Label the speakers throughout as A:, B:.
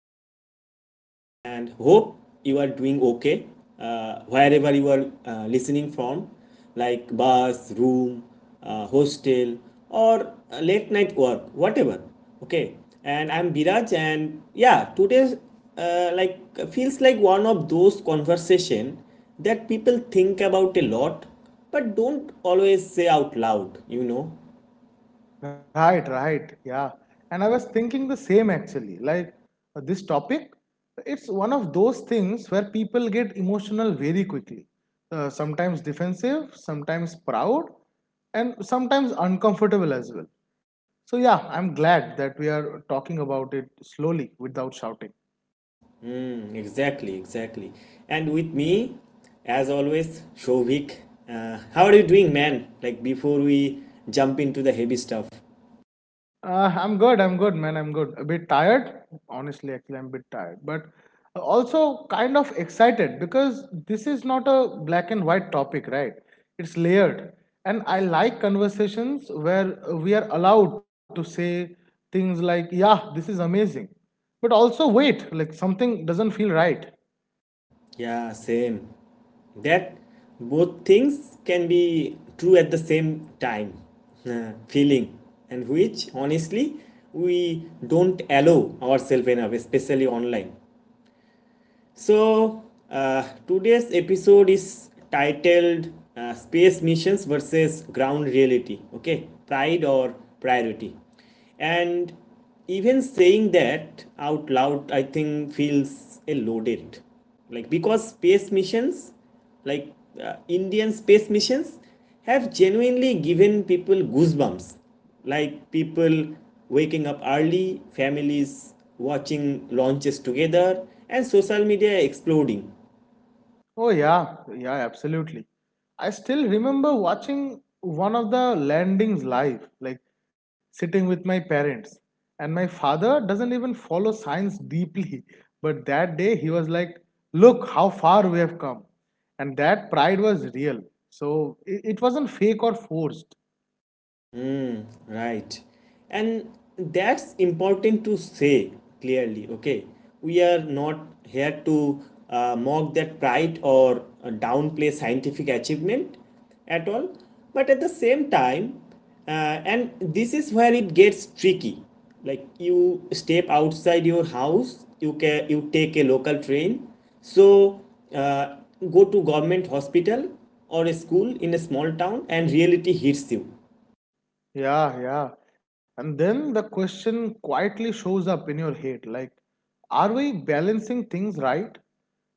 A: to the podcast and hope you are doing okay wherever you are listening from, like bus, room, hostel, or late night work, whatever. Okay, and I'm Biraj, and yeah, today's uh, like feels like one of those conversation that people think about a lot but don't always say out loud.
B: Right, right. Yeah. And I was thinking the same actually. This topic, it's one of those things where people get emotional very quickly. Sometimes defensive, sometimes proud, and sometimes uncomfortable as well. So, yeah, I'm glad that we are talking about it slowly without shouting.
A: Exactly, exactly. And with me, as always, Shovik. How are you doing, man? Like before we jump into the heavy stuff.
B: I'm good. I'm good, man. I'm good. A bit tired. Honestly, actually, I'm a bit tired, but also kind of excited because this is not a black and white topic, right? It's layered. And I like conversations where we are allowed to say things like, yeah, this is amazing. But also, wait, like something doesn't feel right.
A: Yeah, same. That both things can be true at the same time. Feeling. And which, honestly, we don't allow ourselves enough, especially online. So, today's episode is titled Space Missions versus Ground Reality. Okay, pride or priority. And even saying that out loud, I think feels a loaded. Like, because space missions like Indian space missions have genuinely given people goosebumps. Like people waking up early, families watching launches together, and social media exploding.
B: Oh yeah, yeah, absolutely. I still remember watching one of the landings live, like sitting with my parents. And my father doesn't even follow science deeply, but that day he was like, "Look how far we have come." And that pride was real. So it wasn't fake or forced.
A: Right. And that's important to say clearly, okay? We are not here to mock that pride or downplay scientific achievement at all. But at the same time, uh, and this is where it gets tricky. Like you step outside your house, you take a local train, so uh, go to government hospital or a school in a small town, and reality hits you.
B: Yeah, yeah. And then the question quietly shows up in your head like, are we balancing things right?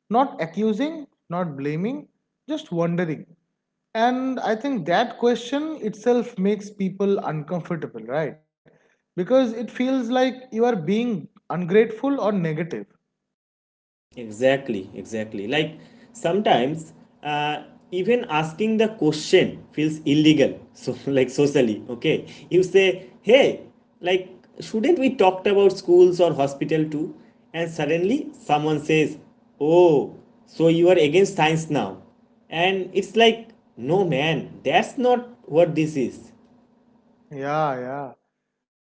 B: Not accusing, not blaming, just wondering. And I think that question itself makes people uncomfortable, right? Because it feels like you are being ungrateful or negative.
A: Exactly, exactly. Like sometimes uh, even asking the question feels illegal. So like socially, okay? You say, hey, like shouldn't we talked about schools or hospital too? And suddenly someone says, oh, so you are against science now. And it's like, no man, that's not what this is.
B: Yeah,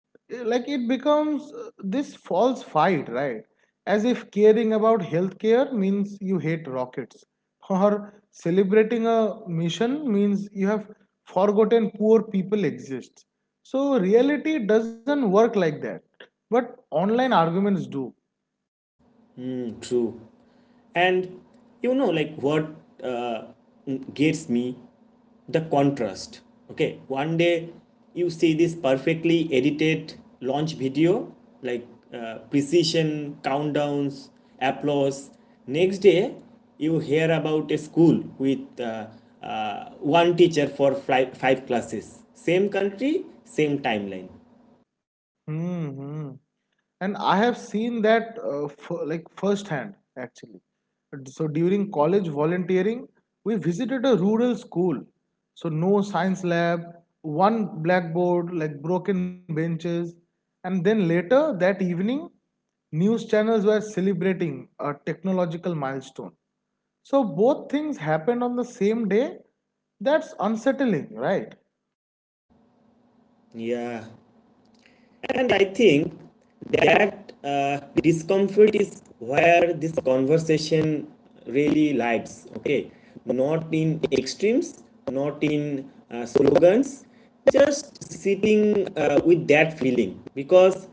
B: yeah. It becomes this false fight, right? As if caring about healthcare means you hate rockets, or celebrating a mission means you have forgotten poor people exist. So reality doesn't work like that, but online arguments do.
A: Mm, true. And you know, like what uh, gets me the contrast, okay? One day you see this perfectly edited launch video, like precision countdowns, applause. Next day you hear about a school with one teacher for five classes. Same country, same timeline.
B: hmm hmm. And I have seen that like firsthand actually. So during college volunteering, we visited a rural school. So no science lab, one blackboard, like broken benches. And then later that evening, news channels were celebrating a technological milestone. So both things happened on the same day. That's unsettling, right?
A: Yeah. And I think that discomfort is where this conversation really lies. Okay, not in extremes, not in slogans, just sitting with that feeling, because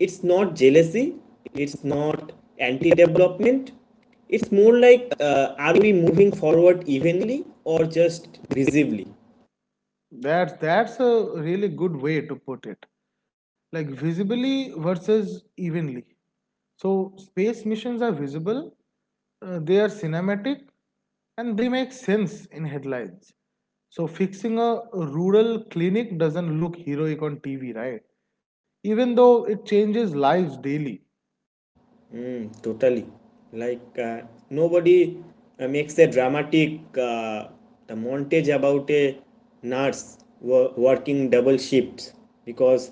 A: it's not jealousy, it's not anti development, it's more like are we moving forward evenly or just visibly?
B: That's a really good way to put it. Like visibly versus evenly. So, space missions are visible, they are cinematic, and they make sense in headlines. So, fixing a rural clinic doesn't look heroic on TV, right? Even though it changes lives daily.
A: Mm, totally. Like nobody makes a dramatic uh, the montage about a working double shifts because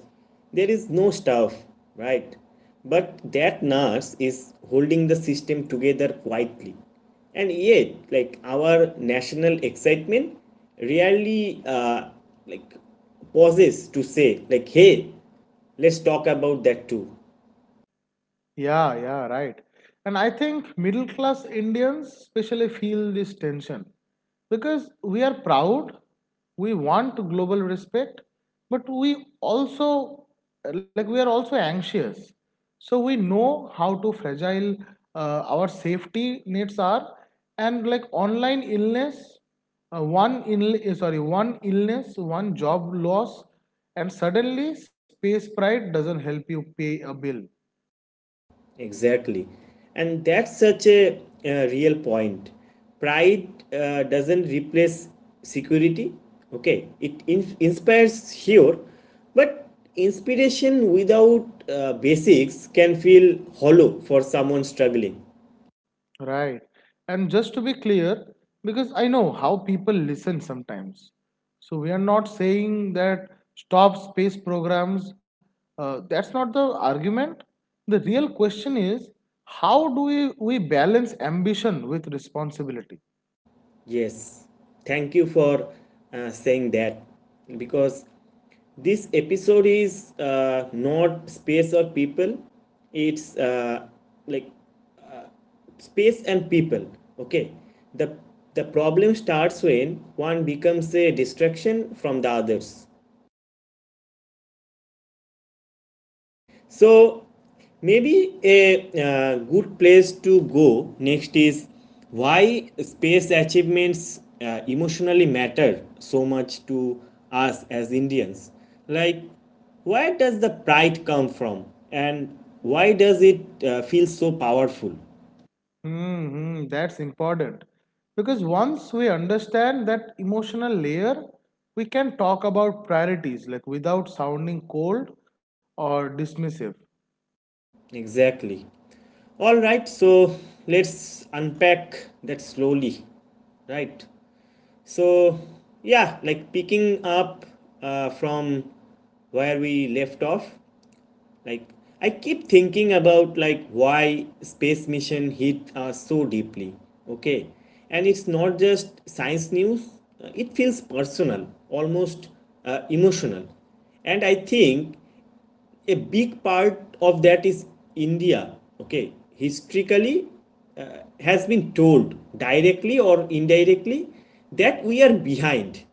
A: there is no staff, right? But that nurse is holding the system together quietly, and yet, like our national excitement really like pauses to say, like, hey, let's talk about that too.
B: Yeah, yeah, right. And I think middle class Indians especially feel this tension because we are proud, we want global respect, but like, we are also anxious. So we know how to fragile our safety nets are, and like online illness, one illness, one job loss, and suddenly space pride doesn't help you pay a bill.
A: Exactly. And that's such a real point. Pride doesn't replace security. Okay, it inspires here, but inspiration without basics can feel hollow for someone struggling.
B: Right. And just to be clear, because I know how people listen sometimes. So we are not saying that stop space programs. That's not the argument. The real question is how do we balance ambition with responsibility?
A: Yes, thank you for saying that because this episode is not space or people, it's like space and people. Okay, the the problem starts when one becomes a distraction from the others. So maybe a good place to go next is why space achievements emotionally matter so much to us as Indians. Like where does the pride come from, and why does it feel so powerful?
B: That's important. Because once we understand that emotional layer, we can talk about priorities like without sounding cold or dismissive.
A: Exactly. All right, so let's unpack that slowly, right? So, yeah, like picking up from where we left off, like I keep thinking about like why space mission hit us so deeply, okay? And it's not just science news, it feels personal, almost emotional. And I think a big part of that is India, okay, historically has been told directly or indirectly that we are behind.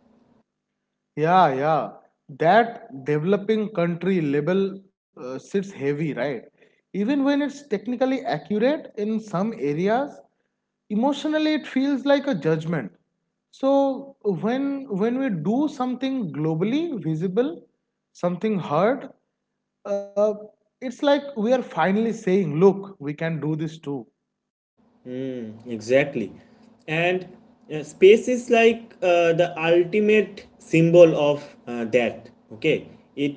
B: Yeah, yeah. That developing country label sits heavy, right? Even when it's technically accurate in some areas, emotionally it feels like a judgment. So when we do something globally visible, something heard, uh, it's like we are finally saying, look, we can do this too.
A: Exactly. And space is like the ultimate symbol of that. Okay. It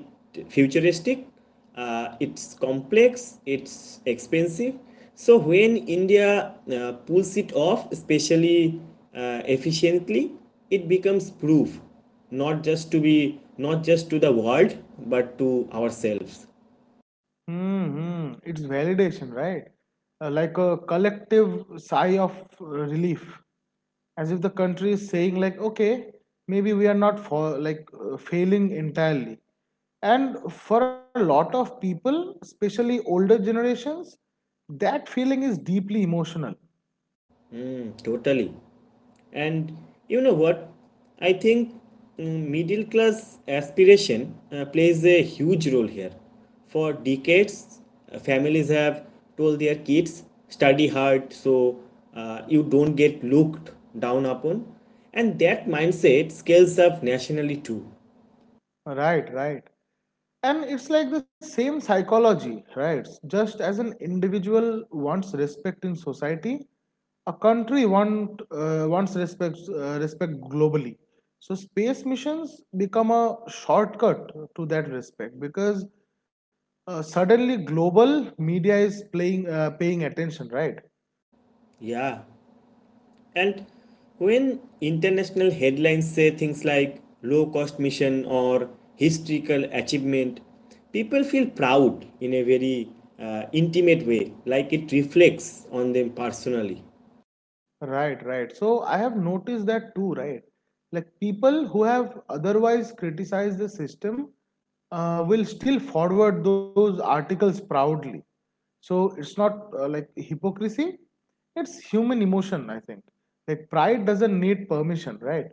A: futuristic, it's complex, it's expensive. So when India pulls it off, especially efficiently, it becomes proof, not just to the world, but to ourselves.
B: It's validation, right? Like a collective sigh of relief. As if the country is saying like, okay, maybe we are not for like failing entirely. And for a lot of people, especially older generations, that feeling is deeply emotional.
A: Mm, totally. And you know what? I think middle class aspiration plays a huge role here. For decades, families have told their kids, study hard so you don't get looked down upon. And that mindset scales up nationally too.
B: Right, right. And it's like the same psychology, right? Just as an individual wants respect in society, a wants respect, respect globally. So space missions become a shortcut to that respect because suddenly global media is playing paying attention, right?
A: Yeah. And when international headlines say things like low cost mission or historical achievement, people feel proud in a very intimate way, like it reflects on them personally.
B: Right, right. So I have noticed that too, right? Like people who have otherwise criticized the system will still forward those articles proudly. So it's not like hypocrisy, it's human emotion, I think. Like pride doesn't need permission, right?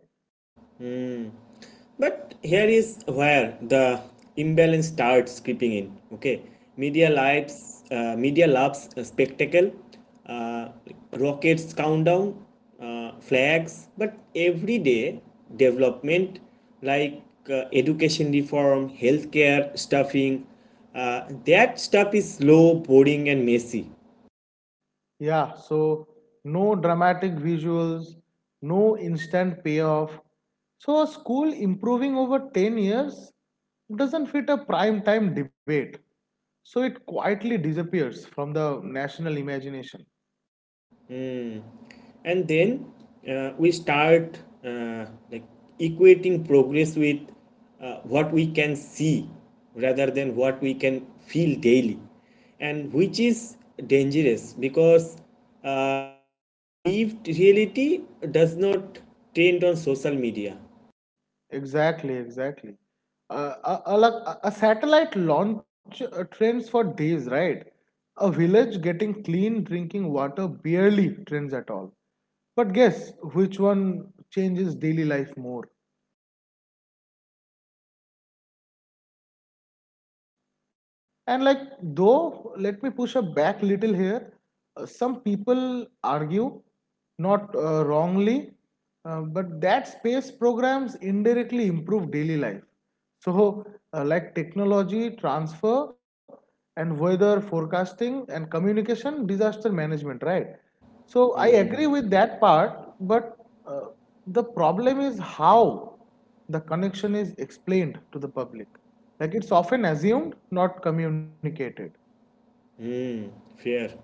A: But here is where the imbalance starts creeping in. Okay, media loves a spectacle, uh, rockets countdown, flags, but everyday development, like education reform, healthcare stuffing, that stuff is slow, boring, and messy.
B: Yeah, so no dramatic visuals, no instant payoff. So a school improving over 10 years doesn't fit a prime time debate. So it quietly disappears from the national imagination.
A: And then we start equating progress with what we can see rather than what we can feel daily. And which is dangerous, because uh, lived reality does not trend on social media.
B: Exactly, exactly. Like, a satellite launch trends for days, right? A village getting clean drinking water barely trends at all. But guess which one changes daily life more? And like, though, let me push a back little here. Some people argue, not wrongly, but that space programs indirectly improve daily life. So, like technology transfer and weather forecasting and communication, disaster management, right? So I agree with that part, but uh, the problem is how the connection is explained to the public. Like it's often assumed, not communicated.
A: Hmm, fair.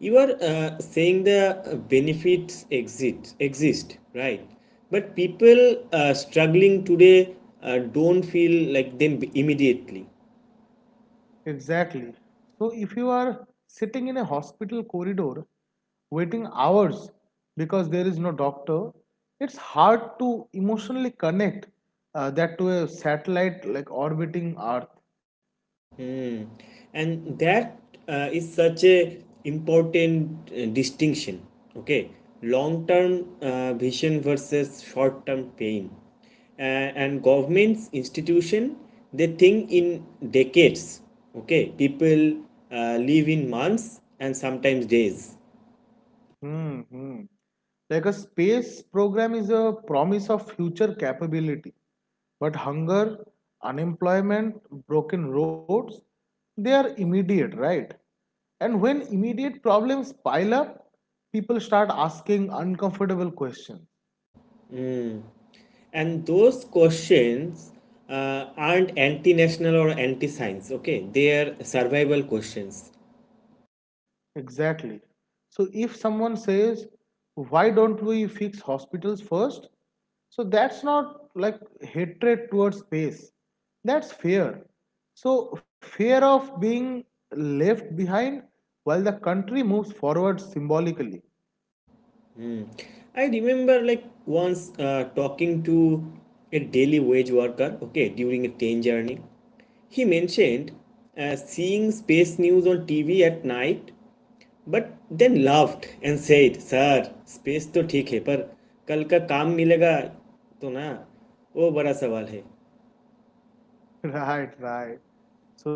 A: You are saying the benefits exist exist, right? But people struggling today don't feel like them immediately.
B: Exactly. So if you are sitting in a hospital corridor waiting hours because there is no doctor, it's hard to emotionally connect that to a satellite like orbiting earth.
A: Hmm. And that is such a important distinction. Okay, long term vision versus short term pain. And governments institution, they think in decades. Okay, people live in months and sometimes days.
B: hmm hmm. Like a space program is a promise of future capability. But hunger, unemployment, broken roads, they are immediate, right? And when immediate problems pile up, people start asking uncomfortable questions.
A: And those questions aren't anti national or anti science, okay? They are survival questions.
B: Exactly. So if someone says, why don't we fix hospitals first? So that's not like hatred towards space. That's fear. So fear of being left behind while the country moves forward symbolically.
A: I remember like once talking to a daily wage worker, okay, during a train journey. He mentioned seeing space news on TV at night, but then laughed and said, Sir, space तो ठीक है पर कल का काम मिलेगा तो ना वो बड़ा सवाल है.
B: Right, right.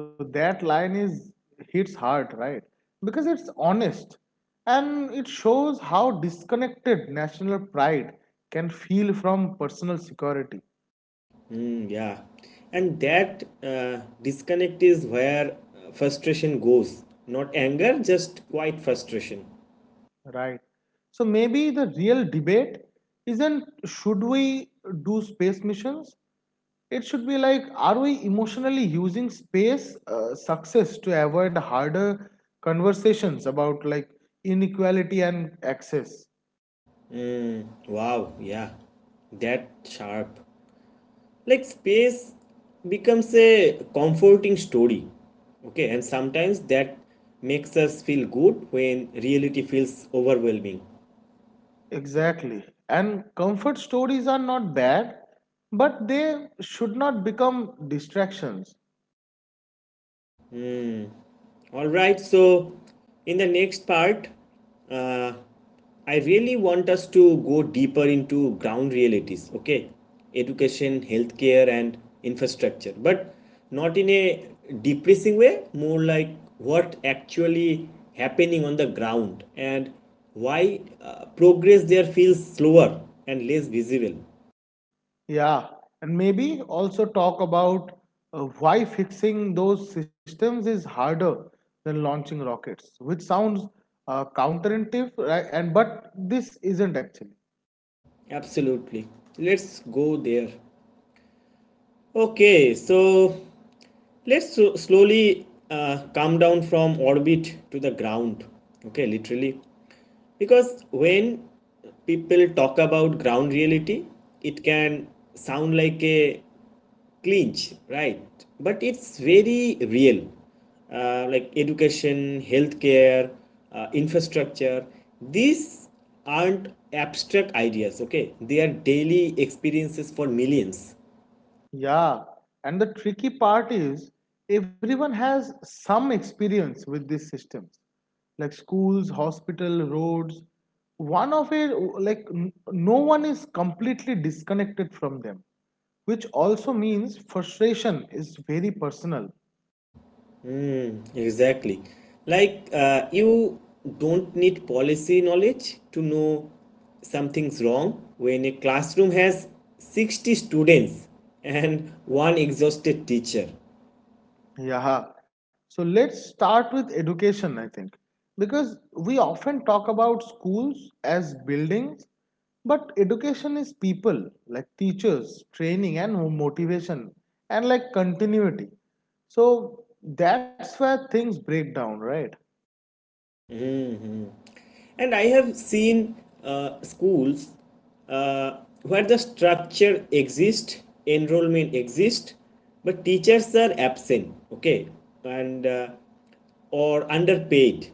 B: So that line is hits hard, right? Because it's honest and it shows how disconnected national pride can feel from personal security,
A: Mm, yeah, and that uh, disconnect is where frustration goes. Not anger, just quite frustration.
B: right? So maybe the real debate isn't should we do space missions? It should be like, are we emotionally using space success to avoid harder conversations about like inequality and access?
A: Mm, wow, yeah, that sharp. Like space becomes a comforting story. Okay, and sometimes that makes us feel good when reality feels overwhelming.
B: Exactly. And comfort stories are not bad, but they should not become distractions.
A: All right, so in the next part, uh, I really want us to go deeper into ground realities, okay? Education, healthcare, and infrastructure, but not in a depressing way, more like what actually happening on the ground and why progress there feels slower and less visible.
B: Yeah. And maybe also talk about why fixing those systems is harder than launching rockets, which sounds counterintuitive, right? And but this isn't actually.
A: Absolutely. Let's go there. Okay, so let's slowly come down from orbit to the ground, okay, literally. Because when people talk about ground reality, it can sound like a clinch, right? But it's very real. Like education, healthcare, infrastructure, these aren't abstract ideas, okay? They are daily experiences for millions.
B: Yeah, and the tricky part is everyone has some experience with these systems, like schools, hospital, roads. One of it, no one is completely disconnected from them, which also means frustration is very personal.
A: Exactly. Like, you don't need policy knowledge to know something's wrong when a classroom has 60 students and one exhausted teacher.
B: Yeah. So let's start with education, I think, because we often talk about schools as buildings, but education is people, like teachers, training, and motivation, and like continuity. So that's where things break down, right?
A: And I have seen schools where the structure exists, enrollment exists, but teachers are absent, okay, and or underpaid,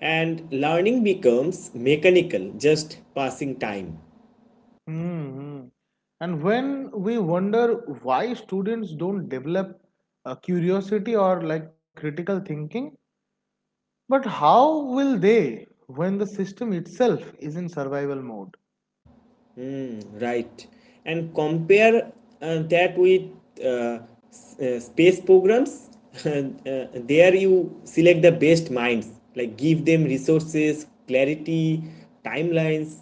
A: and learning becomes mechanical, just passing time.
B: hmm And when we wonder why students don't develop a curiosity or like critical thinking, but how will they when the system itself is in survival mode?
A: Right, and compare that with uh, space programs there you select the best minds, like give them resources, clarity, timelines.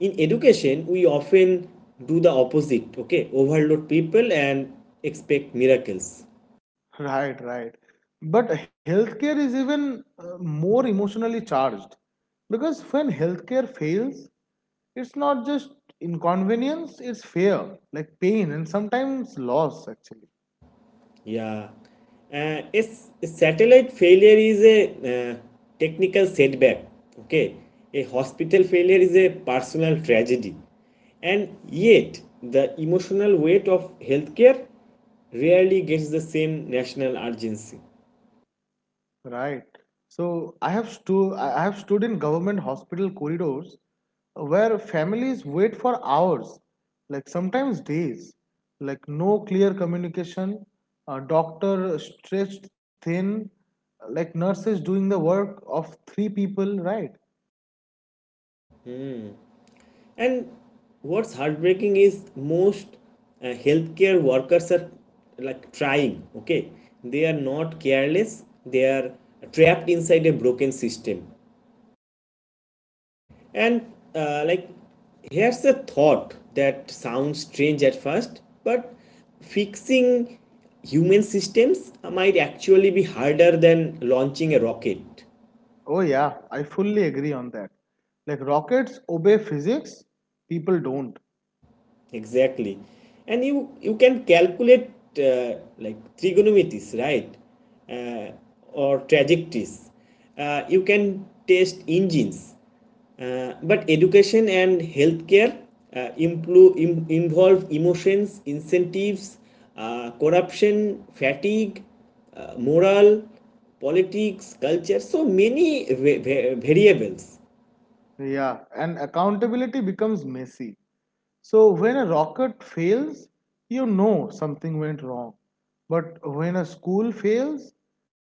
A: In education we often do the opposite. Okay, overload people and expect miracles.
B: Right, right. But healthcare is even more emotionally charged because when healthcare fails, it's not just inconvenience, it's fear, like pain, and sometimes loss actually.
A: Yeah, satellite failure is a uh, technical setback. Okay, a hospital failure is a personal tragedy, and yet the emotional weight of healthcare rarely gets the same national urgency.
B: Right. So I have stood in government hospital corridors where families wait for hours, like sometimes days, like no clear communication, a doctor stretched thin, like nurses doing the work of three people, right?
A: And what's heartbreaking is most healthcare workers are like trying. Okay, they are not careless. They are trapped inside a broken system. And here's a thought that sounds strange at first, but fixing human systems might actually be harder than launching a rocket.
B: Oh yeah, I fully agree on that. Like rockets obey physics, people don't.
A: Exactly. And you can calculate like trigonometries, right? uh, or trajectories, you can test engines, but education and healthcare involve emotions, incentives, corruption, fatigue, moral, politics, culture, so many variables.
B: Yeah, and accountability becomes messy. So when a rocket fails, you know something went wrong. But when a school fails,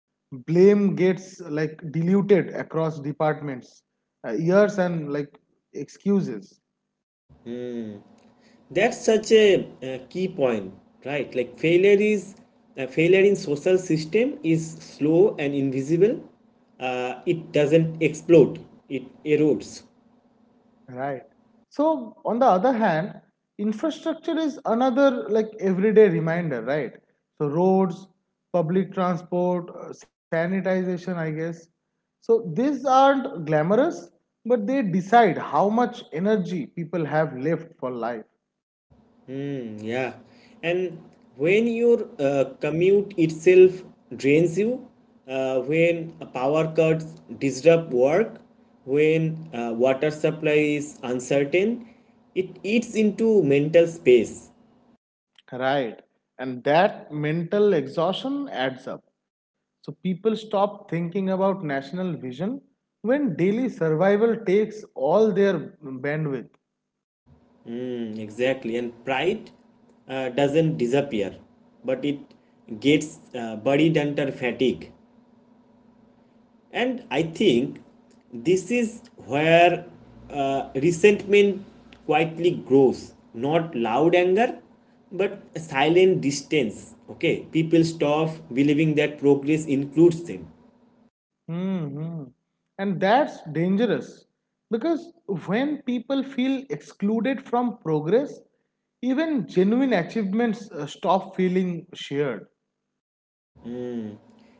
B: blame gets like diluted across departments, years and like excuses.
A: That's such a key point, right? Failure in social system is slow and invisible. It doesn't explode. It erodes.
B: Right. So, on the other hand, infrastructure is another like everyday reminder, right? So, roads, public transport, sanitization, I guess. So, these aren't glamorous, but they decide how much energy people have left for life.
A: Mm, yeah, and when your commute itself drains you, when power cuts disrupt work, when water supply is uncertain, it eats into mental space.
B: Right. And that mental exhaustion adds up. So people stop thinking about national vision when daily survival takes all their bandwidth.
A: Mm, exactly. And pride doesn't disappear, but it gets buried under fatigue. And I think this is where resentment quietly grows. Not loud anger, but silent distance. Okay, people stop believing that progress includes them.
B: hmm And that's dangerous because when people feel excluded from progress, even genuine achievements stop feeling shared.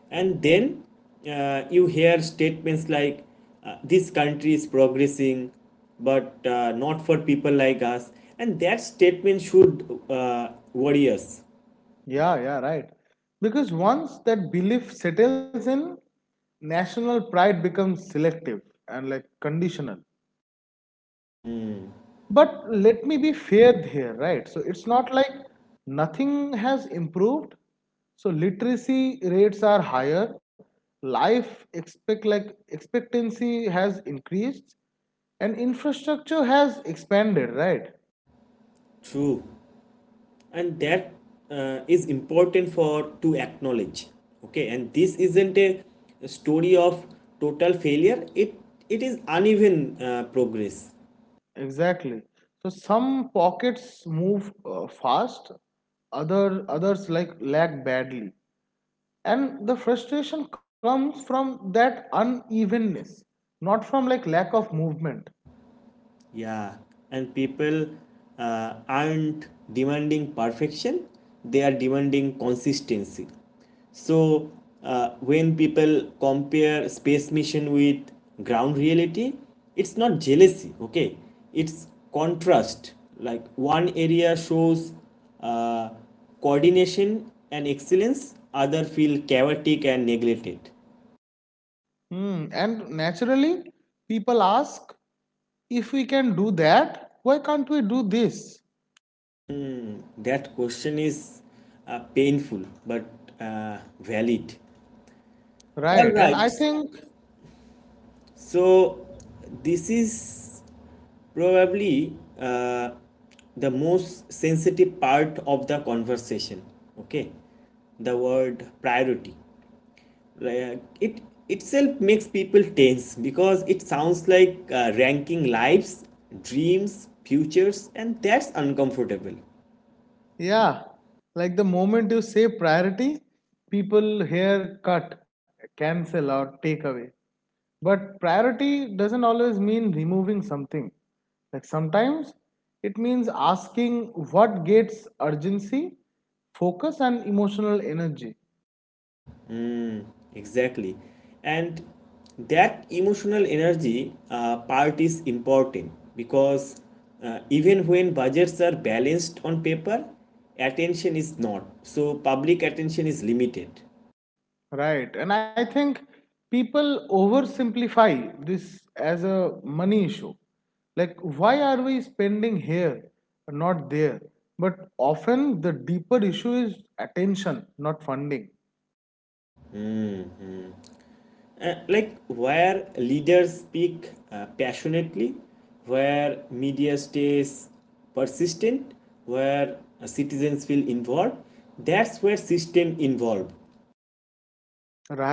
A: And then you hear statements like this country is progressing but not for people like us. And that statement should worry us.
B: Yeah, yeah, right. Because once that belief settles in, national pride becomes selective and like conditional. But let me be fair here, right? So it's not like nothing has improved. So literacy rates are higher. Life expectancy has increased and infrastructure has expanded, right?
A: True. And that is important for to acknowledge. Okay, and this isn't a story of total failure. It is uneven progress.
B: Exactly. So some pockets move fast, others like lag badly. And the frustration comes from that unevenness, not from like lack of movement.
A: Yeah, and people aren't demanding perfection, they are demanding consistency. So, when people compare space mission with ground reality, it's not jealousy, okay? It's contrast. Like one area shows uh, coordination and excellence, other feel chaotic and neglected.
B: Hmm. And naturally, people ask, if we can do that, why can't we do this?
A: That question is painful but valid. All
B: Right. And
A: right.
B: I think,
A: So this is probably the most sensitive part of the conversation. Okay, the word priority. Like, it itself makes people tense because it sounds like ranking lives, dreams, futures, and that's uncomfortable.
B: yeah, like the moment you say priority, people here cut, cancel, or take away. But priority doesn't always mean removing something. Like sometimes it means asking what gets urgency, focus, and emotional energy.
A: Exactly. And that emotional energy part is important because even when budgets are balanced on paper, attention is not. So public attention is limited.
B: Right. And I think people oversimplify this as a money issue. Like, why are we spending here, not there? But often the deeper issue is attention, not funding.
A: Hmm. Like where leaders speak passionately, where media stays persistent, where citizens feel involved, that's where system involved.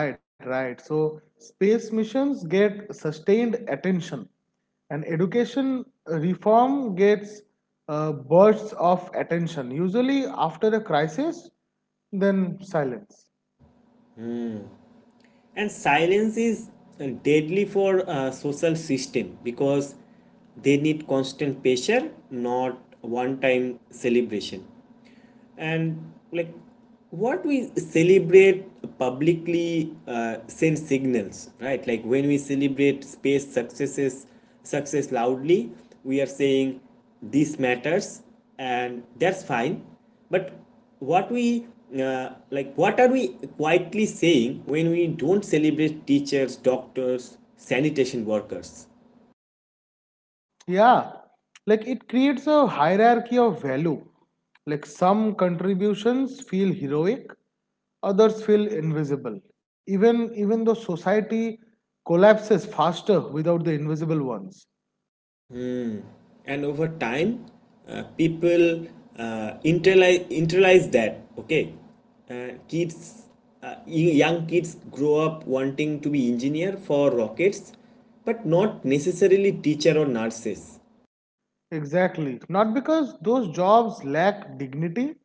B: Right, right. So, space missions get sustained attention, and education reform gets bursts of attention, usually after a crisis, then silence.
A: And silence is deadly for a social system because they need constant pressure, not one time celebration. And like what we celebrate publicly sends signals, right? Like when we celebrate space success loudly, we are saying this matters, and that's fine. But what we like what are we quietly saying when we don't celebrate teachers, doctors, sanitation workers?
B: Yeah, like it creates a hierarchy of value. Like some contributions feel heroic, others feel invisible. Even though society collapses faster without the invisible ones.
A: And over time people internalize that, okay, kids, uh, young kids grow up wanting to be engineer for rockets, but not necessarily teacher or nurses.
B: Exactly. Not because those jobs lack dignity,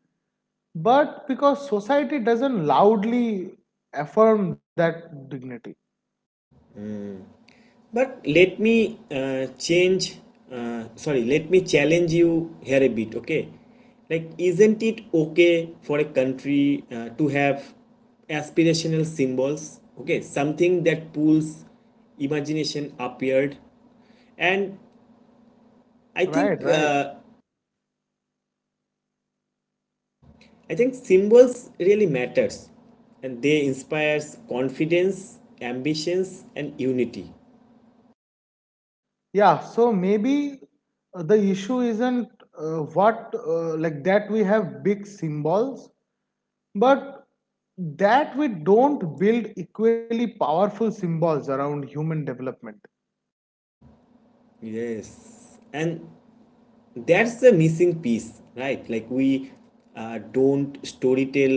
B: but because society doesn't loudly affirm that dignity.
A: But let me let me challenge you here a bit, okay? Like, isn't it okay for a country to have aspirational symbols, okay? Something that pulls imagination upward. And I
B: Right,
A: think,
B: right.
A: I think symbols really matters, and they inspires confidence, ambitions and unity.
B: Yeah, so maybe the issue isn't like that we have big symbols, but that we don't build equally powerful symbols around human development.
A: Yes. And that's the missing piece, right? Like we don't storytell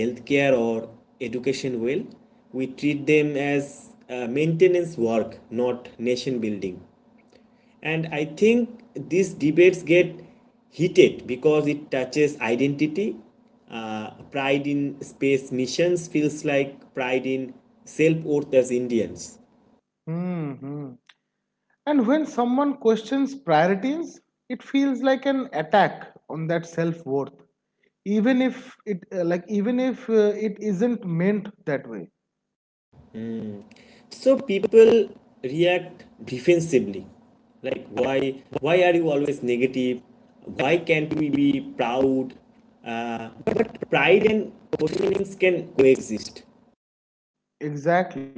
A: healthcare or education well. We treat them as maintenance work, not nation building. And I think these debates get heated because it touches identity. Pride in space missions feels like pride in self worth as Indians.
B: Hmm. And when someone questions priorities, it feels like an attack on that self worth, even if it isn't meant that way.
A: So people react defensively, like why are you always negative? Why can't we be proud? But pride and questionings can coexist,
B: Exactly.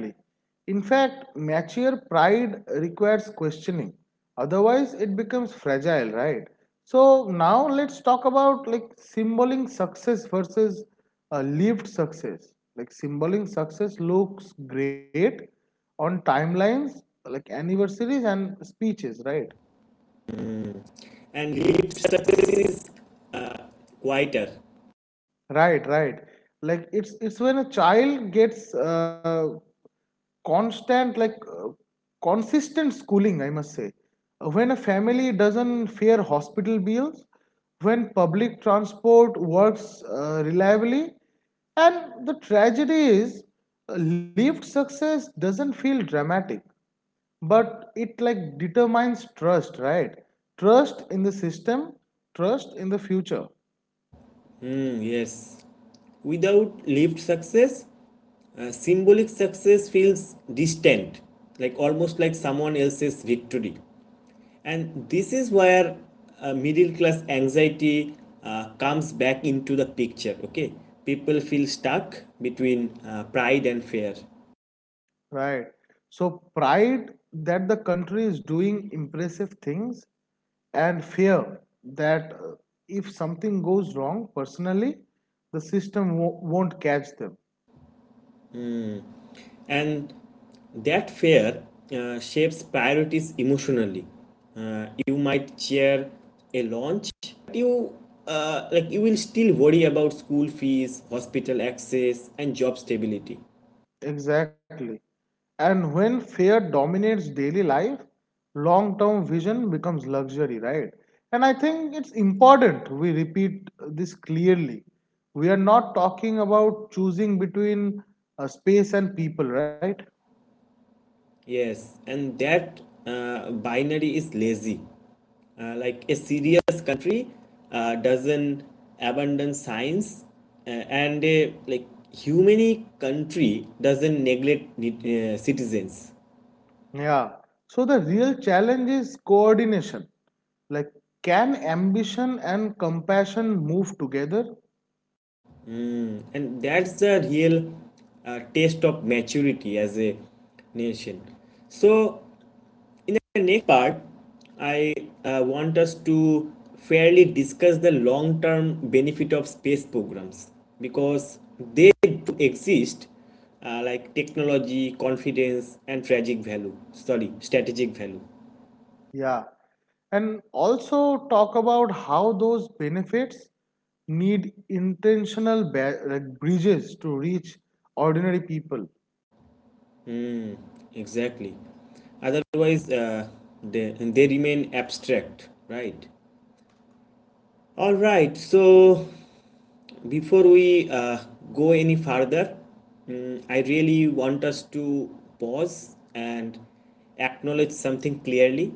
B: In fact, mature pride requires questioning. Otherwise, it becomes fragile, right? So now let's talk about like symboling success versus lived success. Like symboling success looks great on timelines, like anniversaries and speeches, right?
A: and lived success is uh, quieter.
B: Right, right. Like it's when a child gets constant like consistent schooling, I must say, when a family doesn't fear hospital bills, when public transport works reliably. And the tragedy is, lived success doesn't feel dramatic, but it like determines trust, right? Trust in the system, trust in the future.
A: Hmm, yes, without lived success, symbolic success feels distant, like almost like someone else's victory. And this is where middle class anxiety comes back into the picture. Okay, people feel stuck between pride and fear,
B: Right. So pride that the country is doing impressive things, and fear that if something goes wrong personally, the system won't catch them.
A: and that fear shapes priorities emotionally. You might cheer a launch, but you will still worry about school fees, hospital access, and job stability.
B: Exactly. And when fear dominates daily life, long term vision becomes luxury, right? And I think it's important we repeat this clearly. We are not talking about choosing between space and people, right?
A: Yes, and that binary is lazy. Like a serious country doesn't abandon science, and a like humane country doesn't neglect citizens.
B: Yeah. So the real challenge is coordination. Like, can ambition and compassion move together?
A: And that's the real taste of maturity as a nation. So in the next part, I want us to fairly discuss the long term benefit of space programs, because they do exist, like technology, confidence, and strategic value.
B: Yeah. And also talk about how those benefits need intentional bridges to reach ordinary people.
A: Exactly. Otherwise, they remain abstract, right? All right, so before we go any further, mm, I really want us to pause and acknowledge something clearly.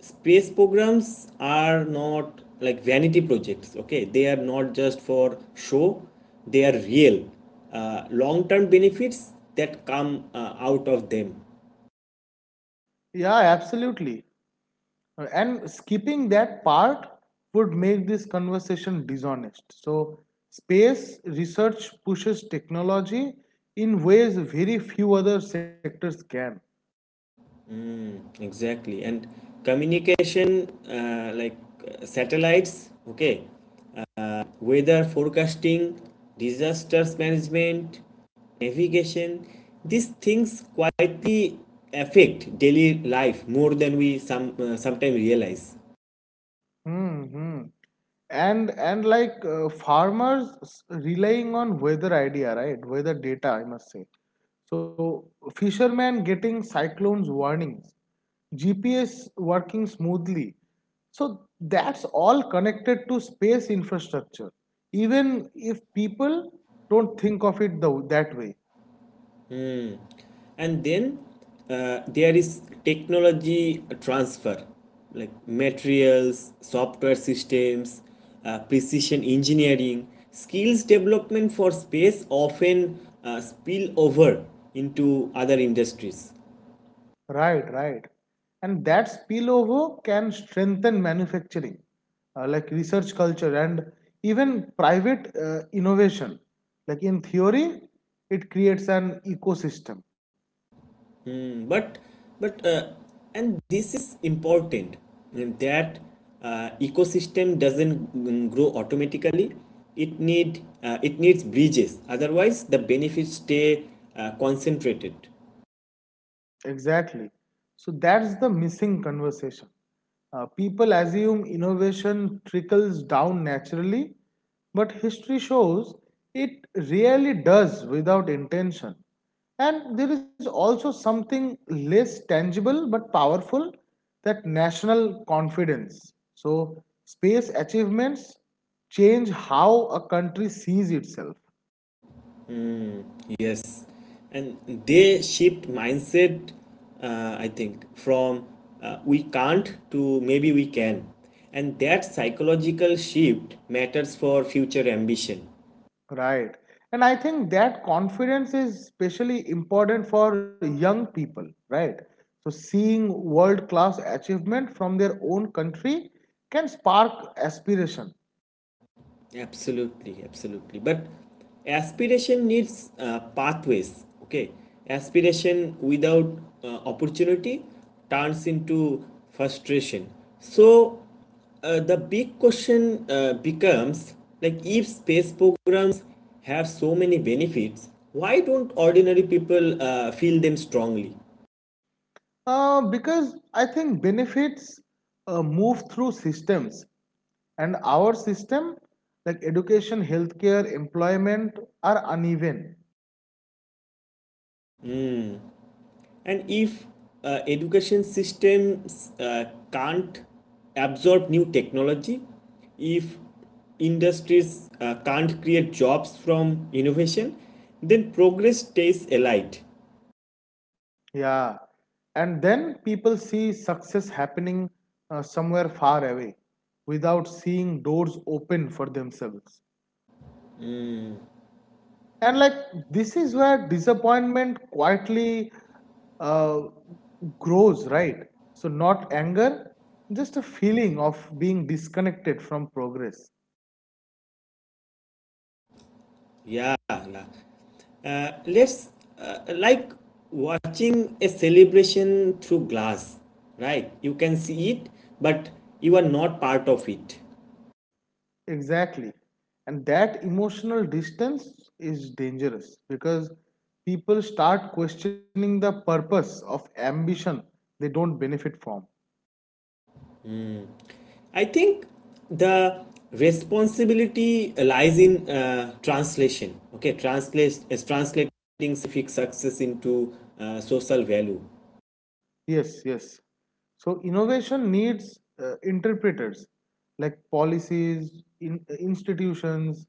A: Space programs are not like vanity projects, okay? They are not just for show, they are real. Long term benefits that come out of them.
B: Yeah, absolutely. And skipping that part would make this conversation dishonest. So, space research pushes technology in ways very few other sectors can.
A: Exactly. And communication, satellites, okay? Weather forecasting, disasters management, navigation, these things quietly affect daily life more than we sometimes realize.
B: Hmm, hmm. And like farmers relying on weather idea, right? Weather data, I must say. So fishermen getting cyclones warnings, GPS working smoothly. So that's all connected to space infrastructure, even if people don't think of it though that way.
A: And then there is technology transfer, like materials, software systems, precision engineering, skills development for space often spill over into other industries.
B: Right, right. And that spillover can strengthen manufacturing, like research culture and even private innovation. Like in theory, it creates an ecosystem.
A: Mm, but and this is important, mm, that ecosystem doesn't, mm, grow automatically. It needs bridges, otherwise the benefits stay concentrated.
B: Exactly. So that's the missing conversation. People assume innovation trickles down naturally, but history shows it really does without intention. And there is also something less tangible but powerful, that national confidence. So, space achievements change how a country sees itself.
A: Yes, and they shift mindset, I think, from we can't to maybe we can. And that psychological shift matters for future ambition.
B: Right. And I think that confidence is especially important for young people, right? So seeing world class achievement from their own country can spark aspiration.
A: Absolutely, absolutely. But aspiration needs pathways. Okay, aspiration without opportunity turns into frustration. So, the big question becomes, like, if space programs have so many benefits, why don't ordinary people feel them strongly?
B: Because I think benefits move through systems, and our system, like education, healthcare, employment, are uneven.
A: And if education systems can't absorb new technology, if industries can't create jobs from innovation, then progress stays allied.
B: Yeah. And then people see success happening somewhere far away without seeing doors open for themselves. And like this is where disappointment quietly uh, grows, right? So, not anger, just a feeling of being disconnected from progress.
A: Yeah, yeah. Let's Like watching a celebration through glass, right? You can see it, but you are not part of it.
B: Exactly. And that emotional distance is dangerous because people start questioning the purpose of ambition they don't benefit from.
A: I think the responsibility lies in translation. Okay, translate is translating scientific success into social value.
B: Yes, yes. So innovation needs interpreters, like policies, institutions,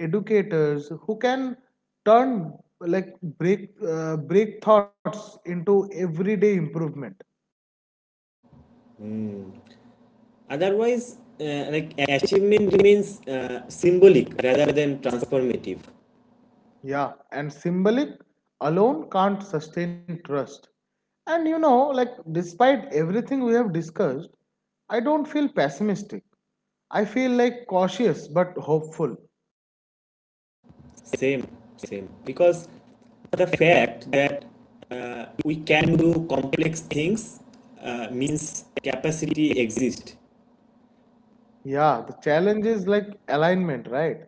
B: educators who can turn, break thoughts into everyday improvement.
A: Otherwise, like achievement remains symbolic rather than transformative.
B: Yeah, and symbolic alone can't sustain trust. And you know, like, despite everything we have discussed, I don't feel pessimistic. I feel like cautious but hopeful.
A: Same, same. Because the fact that we can do complex things means capacity exists.
B: Yeah, the challenge is like alignment, right?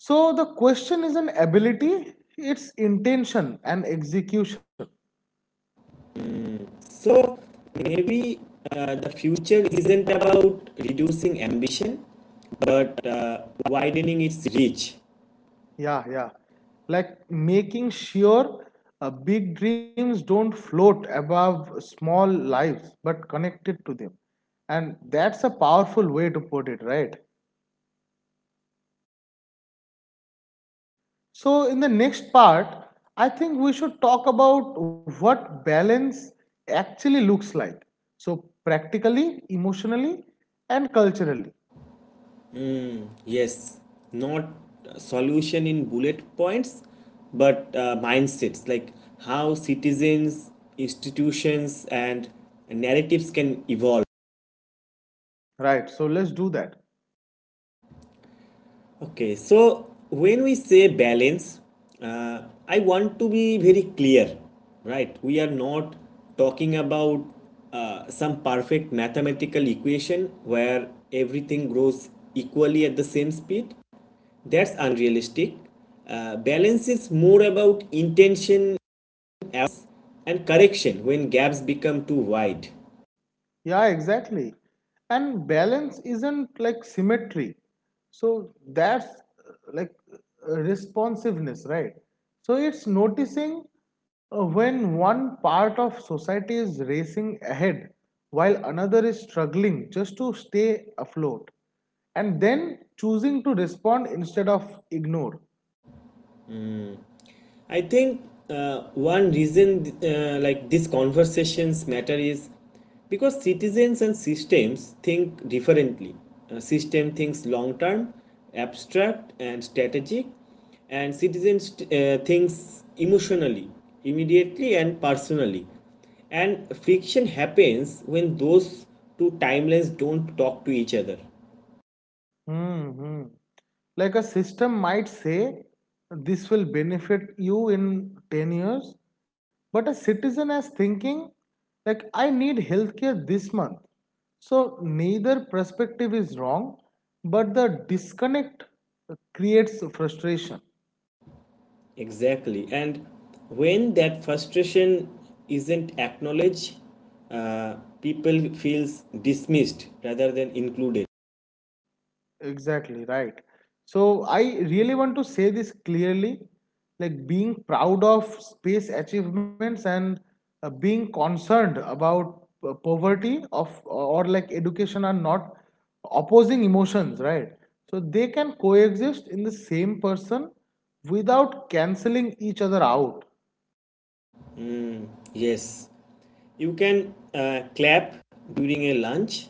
B: So the question is an ability, it's intention and execution.
A: So maybe the future isn't about reducing ambition, but widening its reach.
B: Yeah, yeah. Like making sure big dreams don't float above small lives but connected to them. And that's a powerful way to put it, right? So, in the next part, I think we should talk about what balance actually looks like. So, practically, emotionally, and culturally,
A: Yes, not a solution in bullet points, but mindsets, like how citizens, institutions, and narratives can evolve.
B: right? So, let's do that.
A: Okay, so when we say balance, uh, I want to be very clear, right? We are not talking about some perfect mathematical equation where everything grows equally at the same speed. That's unrealistic. Balance is more about intention and correction when gaps become too wide.
B: Yeah, exactly. And balance isn't like symmetry. So that's responsiveness, right? So it's noticing when one part of society is racing ahead while another is struggling just to stay afloat, and then choosing to respond instead of ignore.
A: I think one reason like these conversations matter is because citizens and systems think differently. A system thinks long term, abstract and strategic, and citizens thinks emotionally, immediately and personally. And friction happens when those two timelines don't talk to each other.
B: Mm-hmm. Like a system might say this will benefit you in 10 years, but a citizen is thinking, like, I need healthcare this month. So neither perspective is wrong, but the disconnect creates frustration.
A: Exactly. And when that frustration isn't acknowledged, uh, people feels dismissed rather than included.
B: Exactly, right. So I really want to say this clearly, like being proud of space achievements and being concerned about poverty of or like education are not opposing emotions, right? So they can coexist in the same person without canceling each other out,
A: Yes. You can clap during a lunch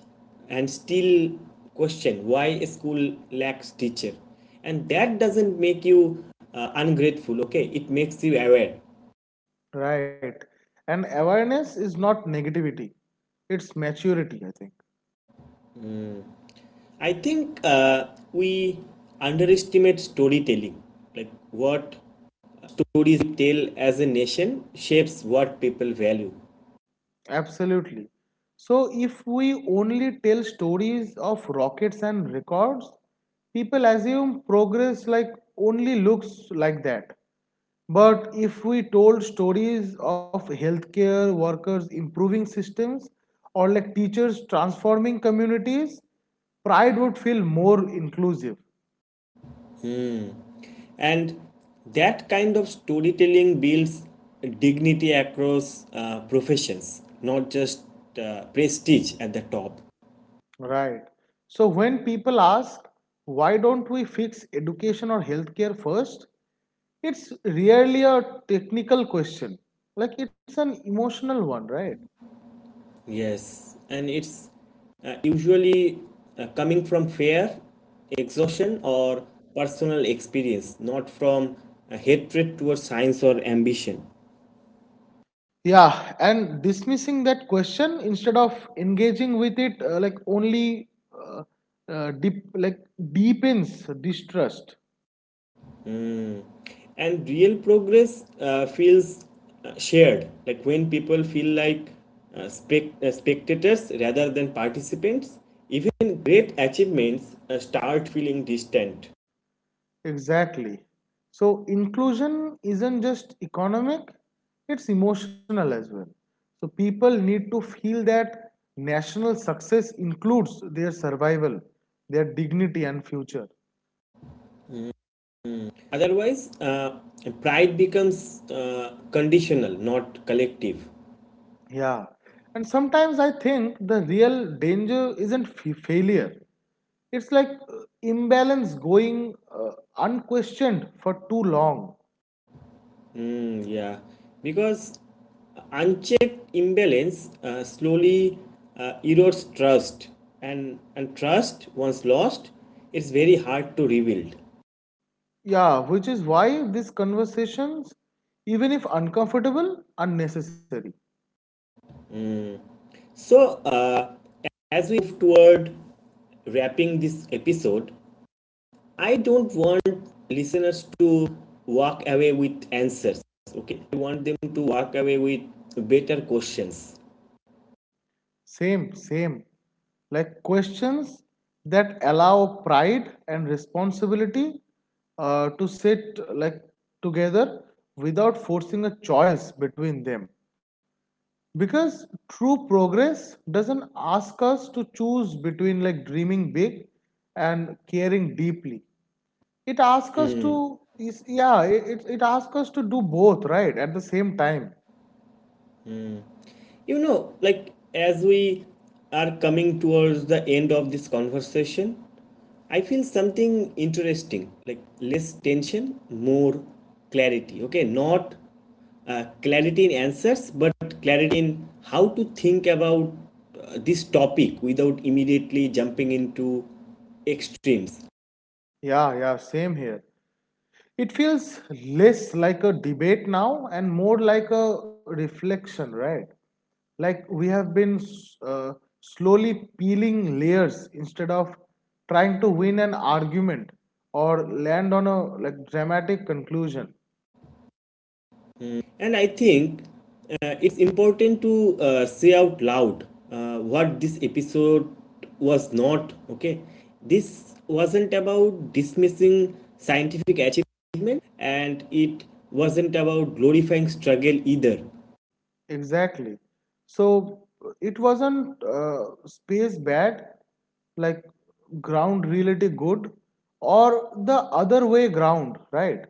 A: and still question why a school lacks teacher. And that doesn't make you ungrateful, okay? It makes you aware.
B: right? And awareness is not negativity, it's maturity, I think.
A: I think we underestimate storytelling, like what stories we tell as a nation shapes what people value.
B: Absolutely. So, if we only tell stories of rockets and records, people assume progress like only looks like that. But if we told stories of healthcare workers improving systems or like teachers transforming communities, pride would feel more inclusive.
A: And that kind of storytelling builds dignity across professions, not just prestige at the top.
B: Right. So, when people ask, why don't we fix education or healthcare first? It's really a technical question. Like it's an emotional one, right?
A: Yes, and it's usually coming from fear, exhaustion, or personal experience, not from hatred towards science or ambition.
B: Yeah, and dismissing that question instead of engaging with it, like only uh, deep, like deepens distrust.
A: Mm. And real progress feels shared. Like when people feel like spectators rather than participants, even great achievements start feeling distant.
B: Exactly. So inclusion isn't just economic; it's emotional as well. So people need to feel that national success includes their survival, their dignity, and future.
A: Otherwise uh, pride becomes uh, conditional, not collective.
B: Yeah. And sometimes I think the real danger isn't failure. It's like imbalance going unquestioned for too long.
A: Mm, yeah, because unchecked imbalance slowly erodes trust. And trust once lost, it's very hard to rebuild.
B: Yeah, which is why these conversations, even if uncomfortable, are necessary.
A: So, as we move toward wrapping this episode, I don't want listeners to walk away with answers. Okay, I want them to walk away with better questions.
B: Same, same. Like questions that allow pride and responsibility to sit like together without forcing a choice between them. Because true progress doesn't ask us to choose between like dreaming big and caring deeply. It asks us to, is, yeah, it asks us to do both, right? At the same time.
A: You know, like as we are coming towards the end of this conversation, I feel something interesting, like less tension, more clarity. Okay, not clarity in answers, but clarity in how to think about this topic without immediately jumping into extremes.
B: Yeah, yeah, same here. It feels less like a debate now and more like a reflection, right? Like we have been uh, slowly peeling layers instead of trying to win an argument or land on a like dramatic conclusion.
A: And I think it's important to say out loud what this episode was not. Okay, this wasn't about dismissing scientific achievement, and it wasn't about glorifying struggle either,
B: Exactly. So it wasn't space bad, like ground reality good, or the other way ground, right?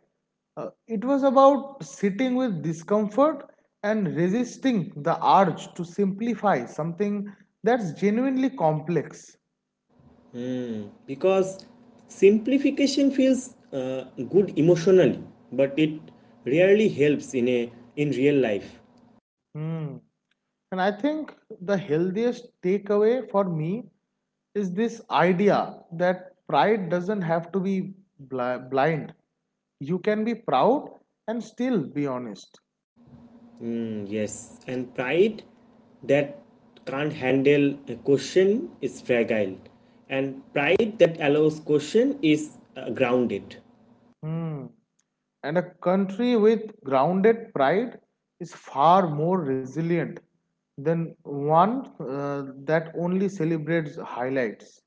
B: It was about sitting with discomfort and resisting the urge to simplify something that's genuinely complex.
A: because simplification feels good emotionally, but it rarely helps in a in real life.
B: Hmm. And I think the healthiest takeaway for me is this idea that pride doesn't have to be blind. You can be proud and still be honest.
A: Mm, yes, and pride that can't handle a question is fragile, and pride that allows question is grounded.
B: Hmm. And a country with grounded pride is far more resilient than one that only celebrates highlights.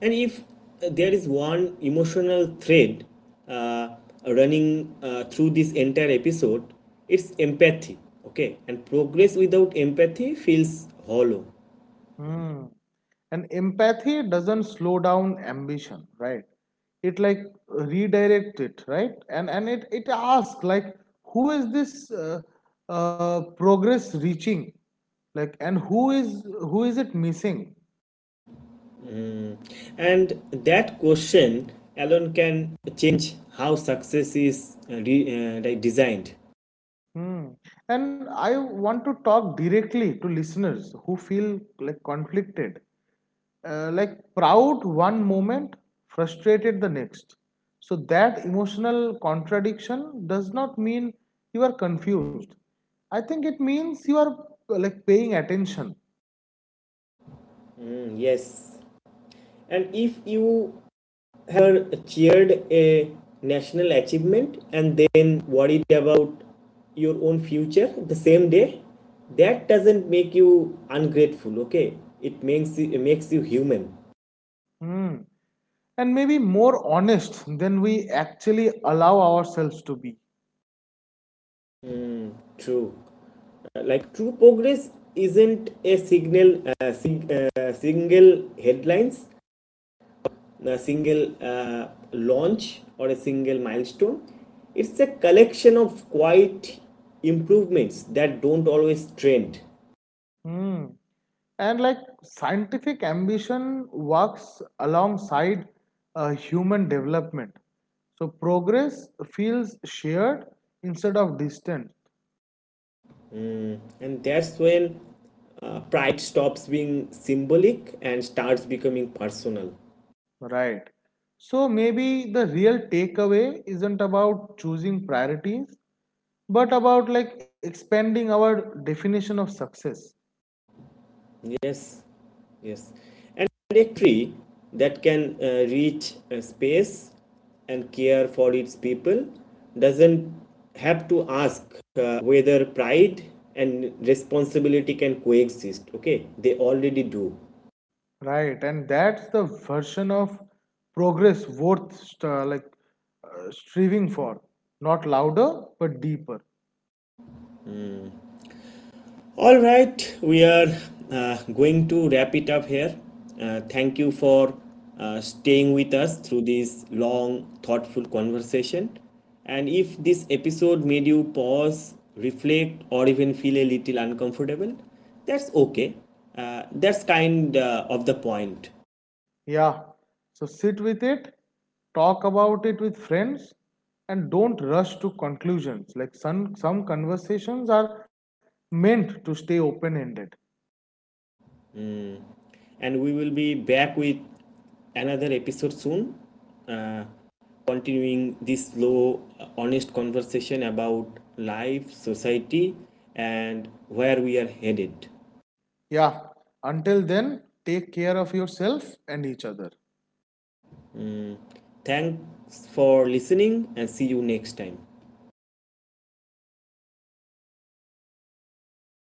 A: And if there is one emotional thread uh, running through this entire episode, it's empathy. Okay, and progress without empathy feels hollow.
B: Hmm. And empathy doesn't slow down ambition, right? It like redirect it, right? And it asks like, who is this progress reaching? Like, and who is it missing?
A: And that question alone can change how success is like designed.
B: Hmm. And I want to talk directly to listeners who feel like conflicted, like proud one moment, frustrated the next. So that emotional contradiction does not mean you are confused. I think it means you are like paying attention.
A: Mm, yes. And if you have cheered a national achievement and then worried about your own future the same day, that doesn't make you ungrateful, okay? It makes you human.
B: Hmm. And maybe more honest than we actually allow ourselves to be.
A: True. Like true progress isn't a single headlines, a single launch, or a single milestone. It's a collection of quiet improvements that don't always trend.
B: Hmm. And like scientific ambition works alongside human development. So progress feels shared instead of distant,
A: And that's when pride stops being symbolic and starts becoming personal.
B: right? So maybe the real takeaway isn't about choosing priorities, but about like expanding our definition of success,
A: Yes, yes, and a tree that can reach a space and care for its people doesn't have to ask whether pride and responsibility can coexist. Okay, they already do.
B: right? And that's the version of progress worth striving for, not louder but deeper.
A: All right, we are going to wrap it up here. Thank you for staying with us through this long, thoughtful conversation. And if this episode made you pause, reflect, or even feel a little uncomfortable, that's okay. That's kind of the point.
B: Yeah. So sit with it, talk about it with friends, and don't rush to conclusions. Like some conversations are meant to stay open ended.
A: And we will be back with another episode soon, uh, continuing this slow honest conversation about life, society, and where we are headed.
B: Yeah. Until then, take care of yourself and each other.
A: Mm. Thanks for listening, and see you next time.